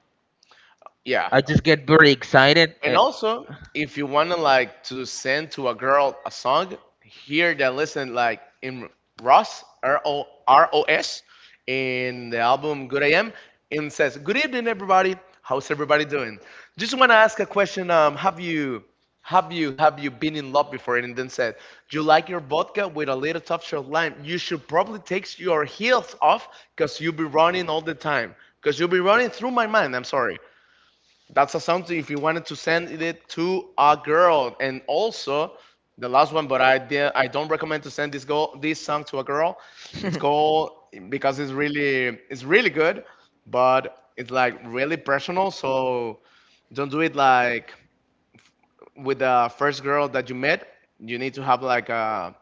A: yeah.
B: I just get very excited.
A: And also, if you wanna like to send to a girl a song, here that listen like in Ross ROROS in the album Good AM and says, Good evening everybody. How's everybody doing? Just wanna ask a question. Have you been in love before? And then said, Do you like your vodka with a little touch of lime. You should probably take your heels off because you'll be running all the time. Because you'll be running through my mind, I'm sorry. That's a something if you wanted to send it to a girl. And also the last one, but I don't recommend to send this song to a girl. It's called because it's really good, but it's like really personal. So don't do it like with the first girl that you met. You need to have like a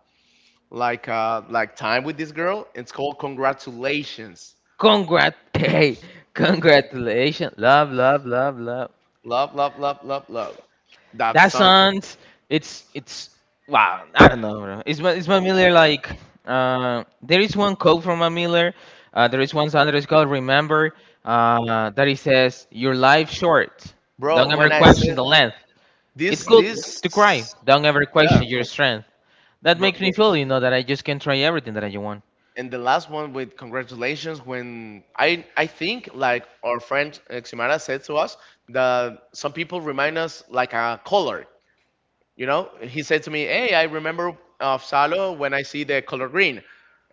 A: like a like time with this girl. It's called Congratulations.
B: Congrat. Hey, congratulations. Love, love, love, love.
A: Love, love, love, love, love. That
B: That
A: song,
B: sounds it's wow, I don't know, bro. Is Matt Miller like there is one quote from Matt Miller, there is one song that is called remember, that he says your life short, don't
A: bro.
B: ever
A: When I
B: question
A: said.
B: the length, it's
A: This
B: good to cry,
A: this
B: don't ever
A: yeah,
B: question your strength. That
A: bro.
B: makes me feel, you know, that I just can try everything that I want.
A: And the last one with Congratulations, when I think like our friend Ximara said to us that some people remind us like a color. You know, he said to me, "Hey, I remember of Salo when I see the color green."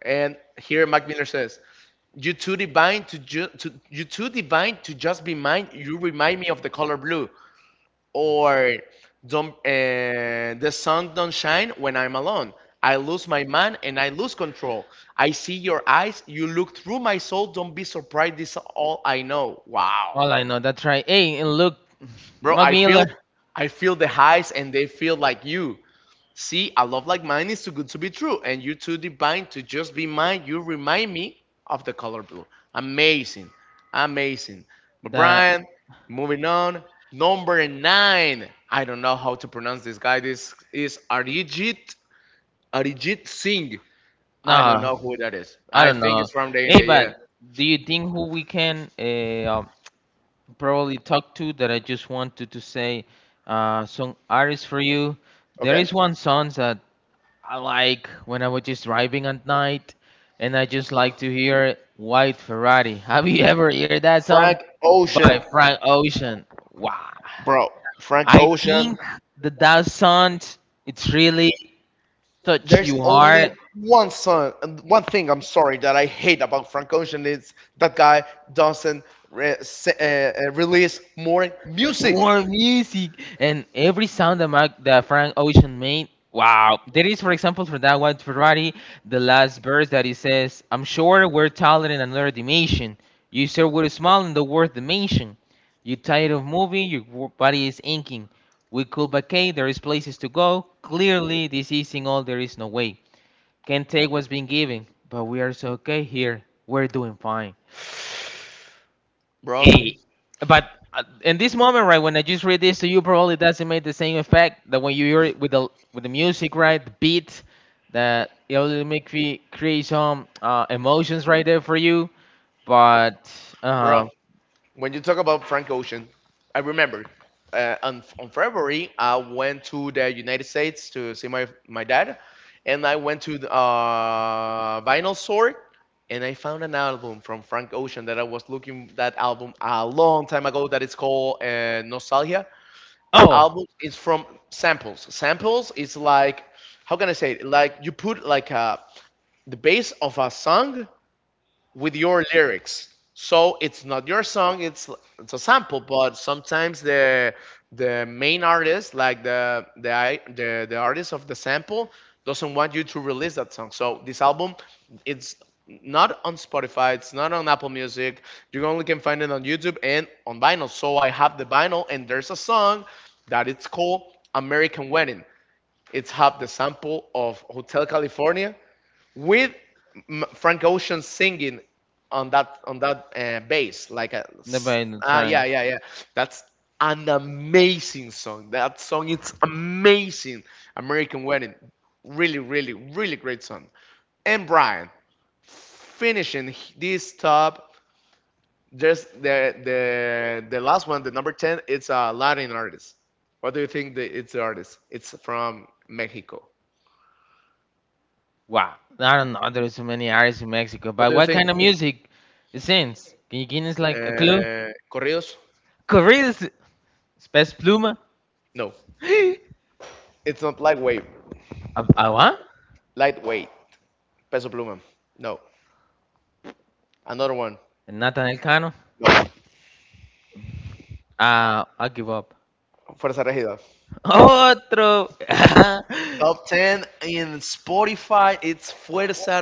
A: And here Mac Miller says, "You too divine to, to you too divine to just be mine. You remind me of the color blue." Or don't, the sun don't shine when I'm alone. I lose my man and I lose control. I see your eyes, you look through my soul. Don't be surprised, this is all I know. Wow,
B: All I know that try. Hey, and look,
A: bro,
B: Mac
A: i
B: Miller,
A: feel i feel the highs and they feel like you. See, a love like mine is too good to be true, and you're too divine to just be mine. You remind me of the color blue. Amazing. Amazing. But
B: the
A: Brian, moving on. Number nine. I don't know how to pronounce this guy. This is Arijit Singh. I don't
B: no
A: know who that is.
B: I
A: I
B: don't
A: think
B: know.
A: it's from the
B: Hey,
A: India,
B: but
A: yeah.
B: do you think who we can probably talked to that I just wanted to say some artists for you. There
A: Okay.
B: is one song that I like when I was just driving at night, and I just like to hear White Ferrari. Have you ever heard that song
A: Frank
B: by
A: Ocean.
B: Frank Ocean? Wow,
A: Bro, Frank
B: I
A: Ocean,
B: think that that song it's really touch
A: there's
B: your
A: only
B: heart.
A: one song, one thing I'm sorry that I hate about Frank Ocean is that guy doesn't release more music,
B: More music and every sound that, Mac, that Frank Ocean made. Wow, there is, for example, for that one Ferrari, the last verse that he says, "I'm sure we're taller in another dimension. You sure would smile in the word dimension. You tired of moving, your body is inking. We could vacate. There is places to go. Clearly, this isn't all. There is no way. Can't take what's been given, but we are so okay here. We're doing fine."
A: bro.
B: Hey, but in this moment, right, when I just read this to you, probably it doesn't make the same effect that when you hear it with the music, right, the beat, that it will make me create some emotions right there for you. But
A: Bro,
B: uh,
A: when you talk about Frank Ocean, I remember on February I went to the United States to see my dad, and I went to the vinyl store, and I found an album from Frank Ocean that I was looking that album a long time ago that is called Nostalgia. That
B: oh,
A: album is from samples. Samples is like, how can I say it? Like you put like a the base of a song with your lyrics. So it's not your song, it's a sample, but sometimes the main artist, like the artist of the sample, doesn't want you to release that song. So this album, it's not on Spotify, it's not on Apple Music. You only can find it on YouTube and on vinyl. So I have the vinyl, and there's a song that it's called American Wedding. It's have the sample of Hotel California with Frank Ocean singing on that bass, like a
B: nobody in the train.
A: yeah, yeah. That's an amazing song. That song, it's amazing. American Wedding, really really really great song. And Brian, finishing this top, there's the last one, the number ten. It's a Latin artist. What do you think? It's the artist. It's from Mexico.
B: Wow, I don't know. There's so many artists in Mexico,
A: What
B: but
A: do you
B: what
A: think?
B: kind of music it sings? Can you give us like a clue?
A: Corridos?
B: Corridos, Spes Pluma.
A: No. It's not Lightweight.
B: What?
A: Lightweight. Peso Pluma. No. Another one.
B: Nathan Elcano.
A: No.
B: Ah, I give up.
A: Fuerza Regida.
B: Otro.
A: Top 10 in Spotify. It's Fuerza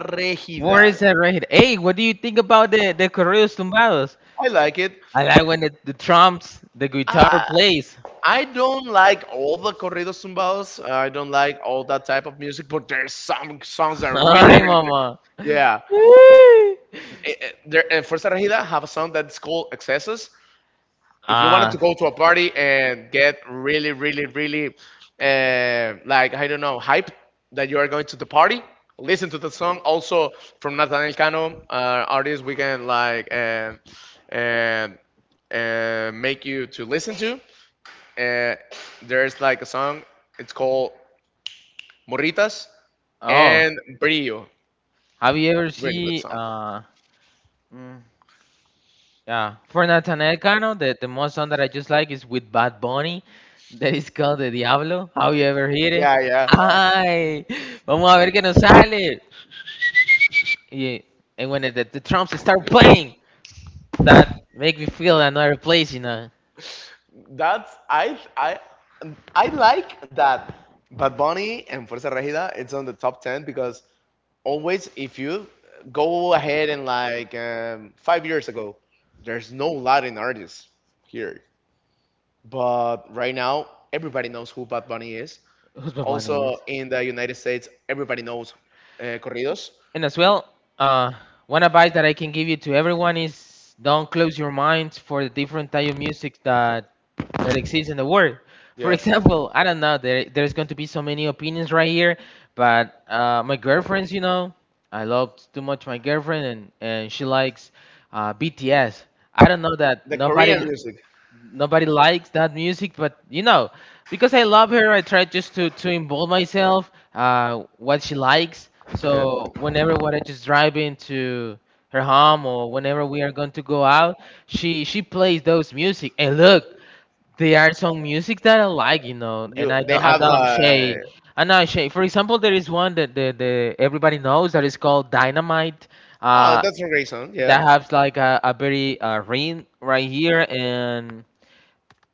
B: Where
A: Regida.
B: is that right here? Hey, what do you think about the corridos tumbados?
A: I like it.
B: I like when the drums, the guitar
A: I,
B: plays.
A: I don't like all the corridos tumbados. I don't like all that type of music, but there's some songs that are really,
B: Ay,
A: really good.
B: mama.
A: Yeah.
B: Woo.
A: Fuerza Regida have a song that's called Excesses. If you
B: Ah,
A: wanted to go to a party and get really, really, really, like I don't know, hype that you are going to the party, listen to the song. Also from Nathaniel Cano, artist we can like and and make you to listen to. Uh, there's like a song. It's called Morritas
B: oh.
A: and Brillo.
B: Have you ever
A: Really good
B: seen
A: song.
B: uh? Mm, yeah, for Nathaniel Cano, the most song that I just like is with Bad Bunny, that is called The Diablo. How you ever hear it?
A: Yeah, yeah.
B: Ay, vamos a ver qué nos sale. Yeah. And when the, drums start playing, that make me feel another place, you know.
A: That's, I like that Bad Bunny and Fuerza Regida. It's on the top ten because always if you go ahead and like 5 years ago, there's no Latin artists here, but right now everybody knows who Bad Bunny is.
B: Who's Bad Bunny
A: Also
B: is?
A: in the United States, everybody knows corridos.
B: And as well, uh, one advice that I can give you to everyone is don't close your mind for the different type of music that exists in the world. For
A: Yep.
B: example, I don't know, there, there's going to be so many opinions right here, but my girlfriends, you know, I love too much my girlfriend, and she likes BTS. I don't know that
A: The
B: nobody
A: Korean music.
B: nobody likes that music but you know because I love her I try just to involve myself what she likes,
A: Okay.
B: so whenever what I just drive into her home or whenever we are going to go out she plays those music, and look there are some music that I like, you know, and
A: You
B: I
A: they
B: know
A: have
B: Adam Shay.
A: like,
B: I know Shay. For example, there is one that the everybody knows that is called Dynamite.
A: oh,
B: Uh,
A: that's a reason.
B: that
A: Yeah.
B: has like a very ring right here, and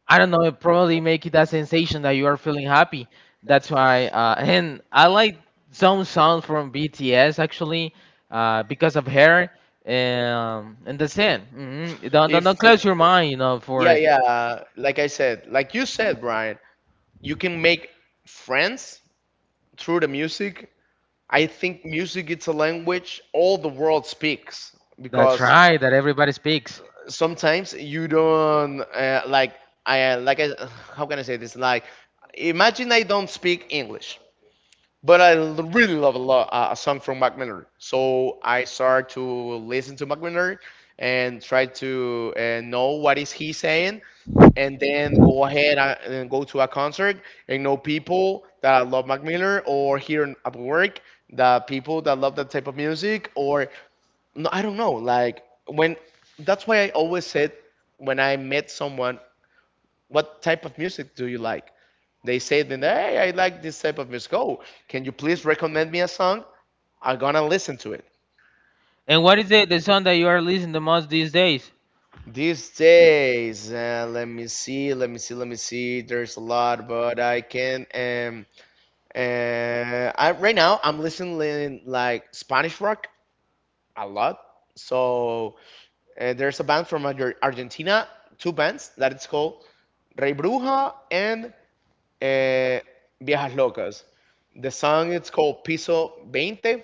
B: I don't know, it probably make it that sensation that you are feeling happy. That's why, and I like some songs from BTS actually, because of her. And that's it. Hmm. Don't, don't
A: If
B: don't close your mind, you know,
A: yeah,
B: for
A: yeah. Like I said, like you said, Brian, you can make friends through the music. I think music, it's a language all the world speaks,
B: that
A: because
B: right that everybody speaks.
A: sometimes you don't like I like I, how can I say this, like imagine I don't speak English but I really love a lot a song from Mac Miller. So I start to listen to Mac Miller and try to know what is he saying, and then go ahead and go to a concert and know people that love Mac Miller or here at work the people that love that type of music or no, I don't know. Like when that's why I always said when I met someone, what type of music do you like? They say, then, hey, I like this type of music. Oh, can you please recommend me a song? I'm gonna listen to it.
B: And what is the song that you are listening the most these days?
A: These days, let me see, let me see, let me see. There's a lot, but I can. I right now I'm listening like Spanish rock a lot. So there's a band from Argentina, two bands that it's called Rey Bruja and uh, Viejas Locas. The song it's called Piso 20.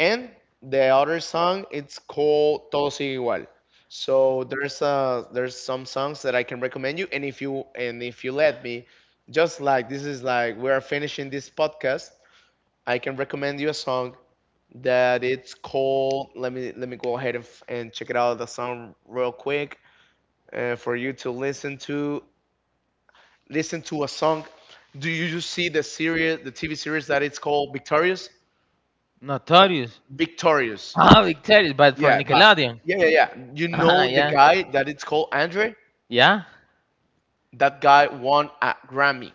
A: And the other song, it's called Todo Sigue Igual. So there's some songs that I can recommend you, and if you and if you let me, just like this is like we are finishing this podcast, I can recommend you a song that it's called. Let me, go ahead and, and check it out the song real quick for you to listen to, listen to a song. Do you just see the series, the TV series that it's called Victorious?
B: Notorious.
A: Victorious.
B: Ah, Victorious, but for
A: Yeah, but
B: Nickelodeon.
A: yeah, yeah, yeah. You
B: Ah,
A: know the
B: yeah,
A: guy that it's called Andre?
B: yeah,
A: That guy won a Grammy.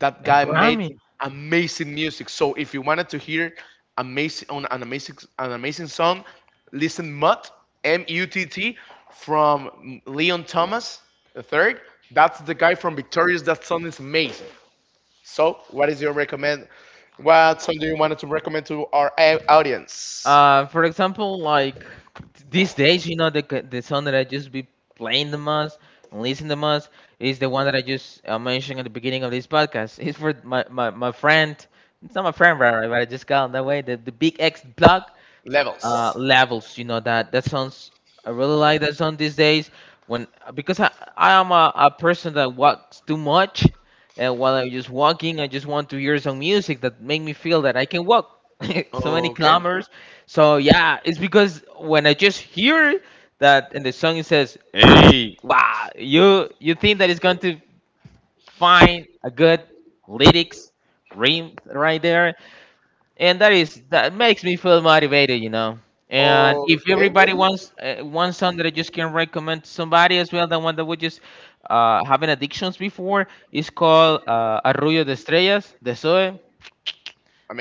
A: That
B: a
A: guy made
B: Grammy.
A: amazing music. So if you wanted to hear amazing on an amazing song, listen Mutt, M U T T, from Leon Thomas the third. That's the guy from Victorious. That song is amazing. So what is your recommend? What song do you wanted to recommend to our audience?
B: For example, like these days, you know, the the song that I just be playing the most and listening the most is the one that I just mentioned at the beginning of this podcast. It's for my, my, my friend. It's not my friend, right? But I just call him that way. The Big X Block
A: Levels.
B: levels. You know that that sounds I really like that song these days. When because I am a person that walks too much, and while I'm just walking, I just want to hear some music that make me feel that I can walk so many
A: Okay.
B: kilometers. So yeah, it's because when I just hear that in the song it says, "Hey, wow," you think that it's going to find a good lyrics rim right there, and that is that makes me feel motivated you know, and if
A: Okay,
B: everybody wants one song that I just can recommend to somebody as well, the one that we just having addictions before is called arrullo de estrellas de Zoe.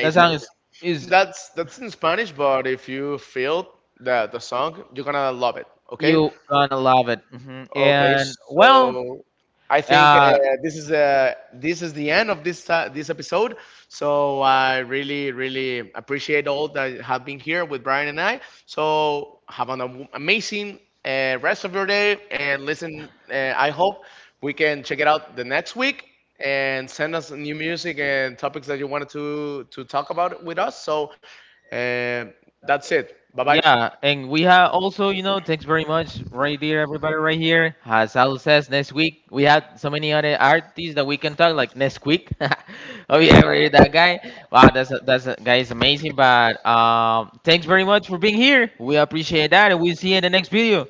B: That song is
A: That's in Spanish, but if you feel the song, you're gonna love it. Okay.
B: you gonna love it. Hmm.
A: Okay.
B: And well,
A: So I think
B: uh,
A: this is the end of this this episode. So I really really appreciate all that have been here with Brian and I. So have an amazing rest of your day and listen. I hope we can check it out the next week and send us new music and topics that you wanted to talk about with us. So uh, that's it. Bye bye.
B: yeah, and we have also, you know, thanks very much right there, everybody right here. As Al says, next week we had so many other artists that we can talk, like next week. Oh
A: Yeah.
B: yeah, right, that guy. Wow, that's that guy is amazing. But thanks very much for being here. We appreciate that, and we'll see you in the next video.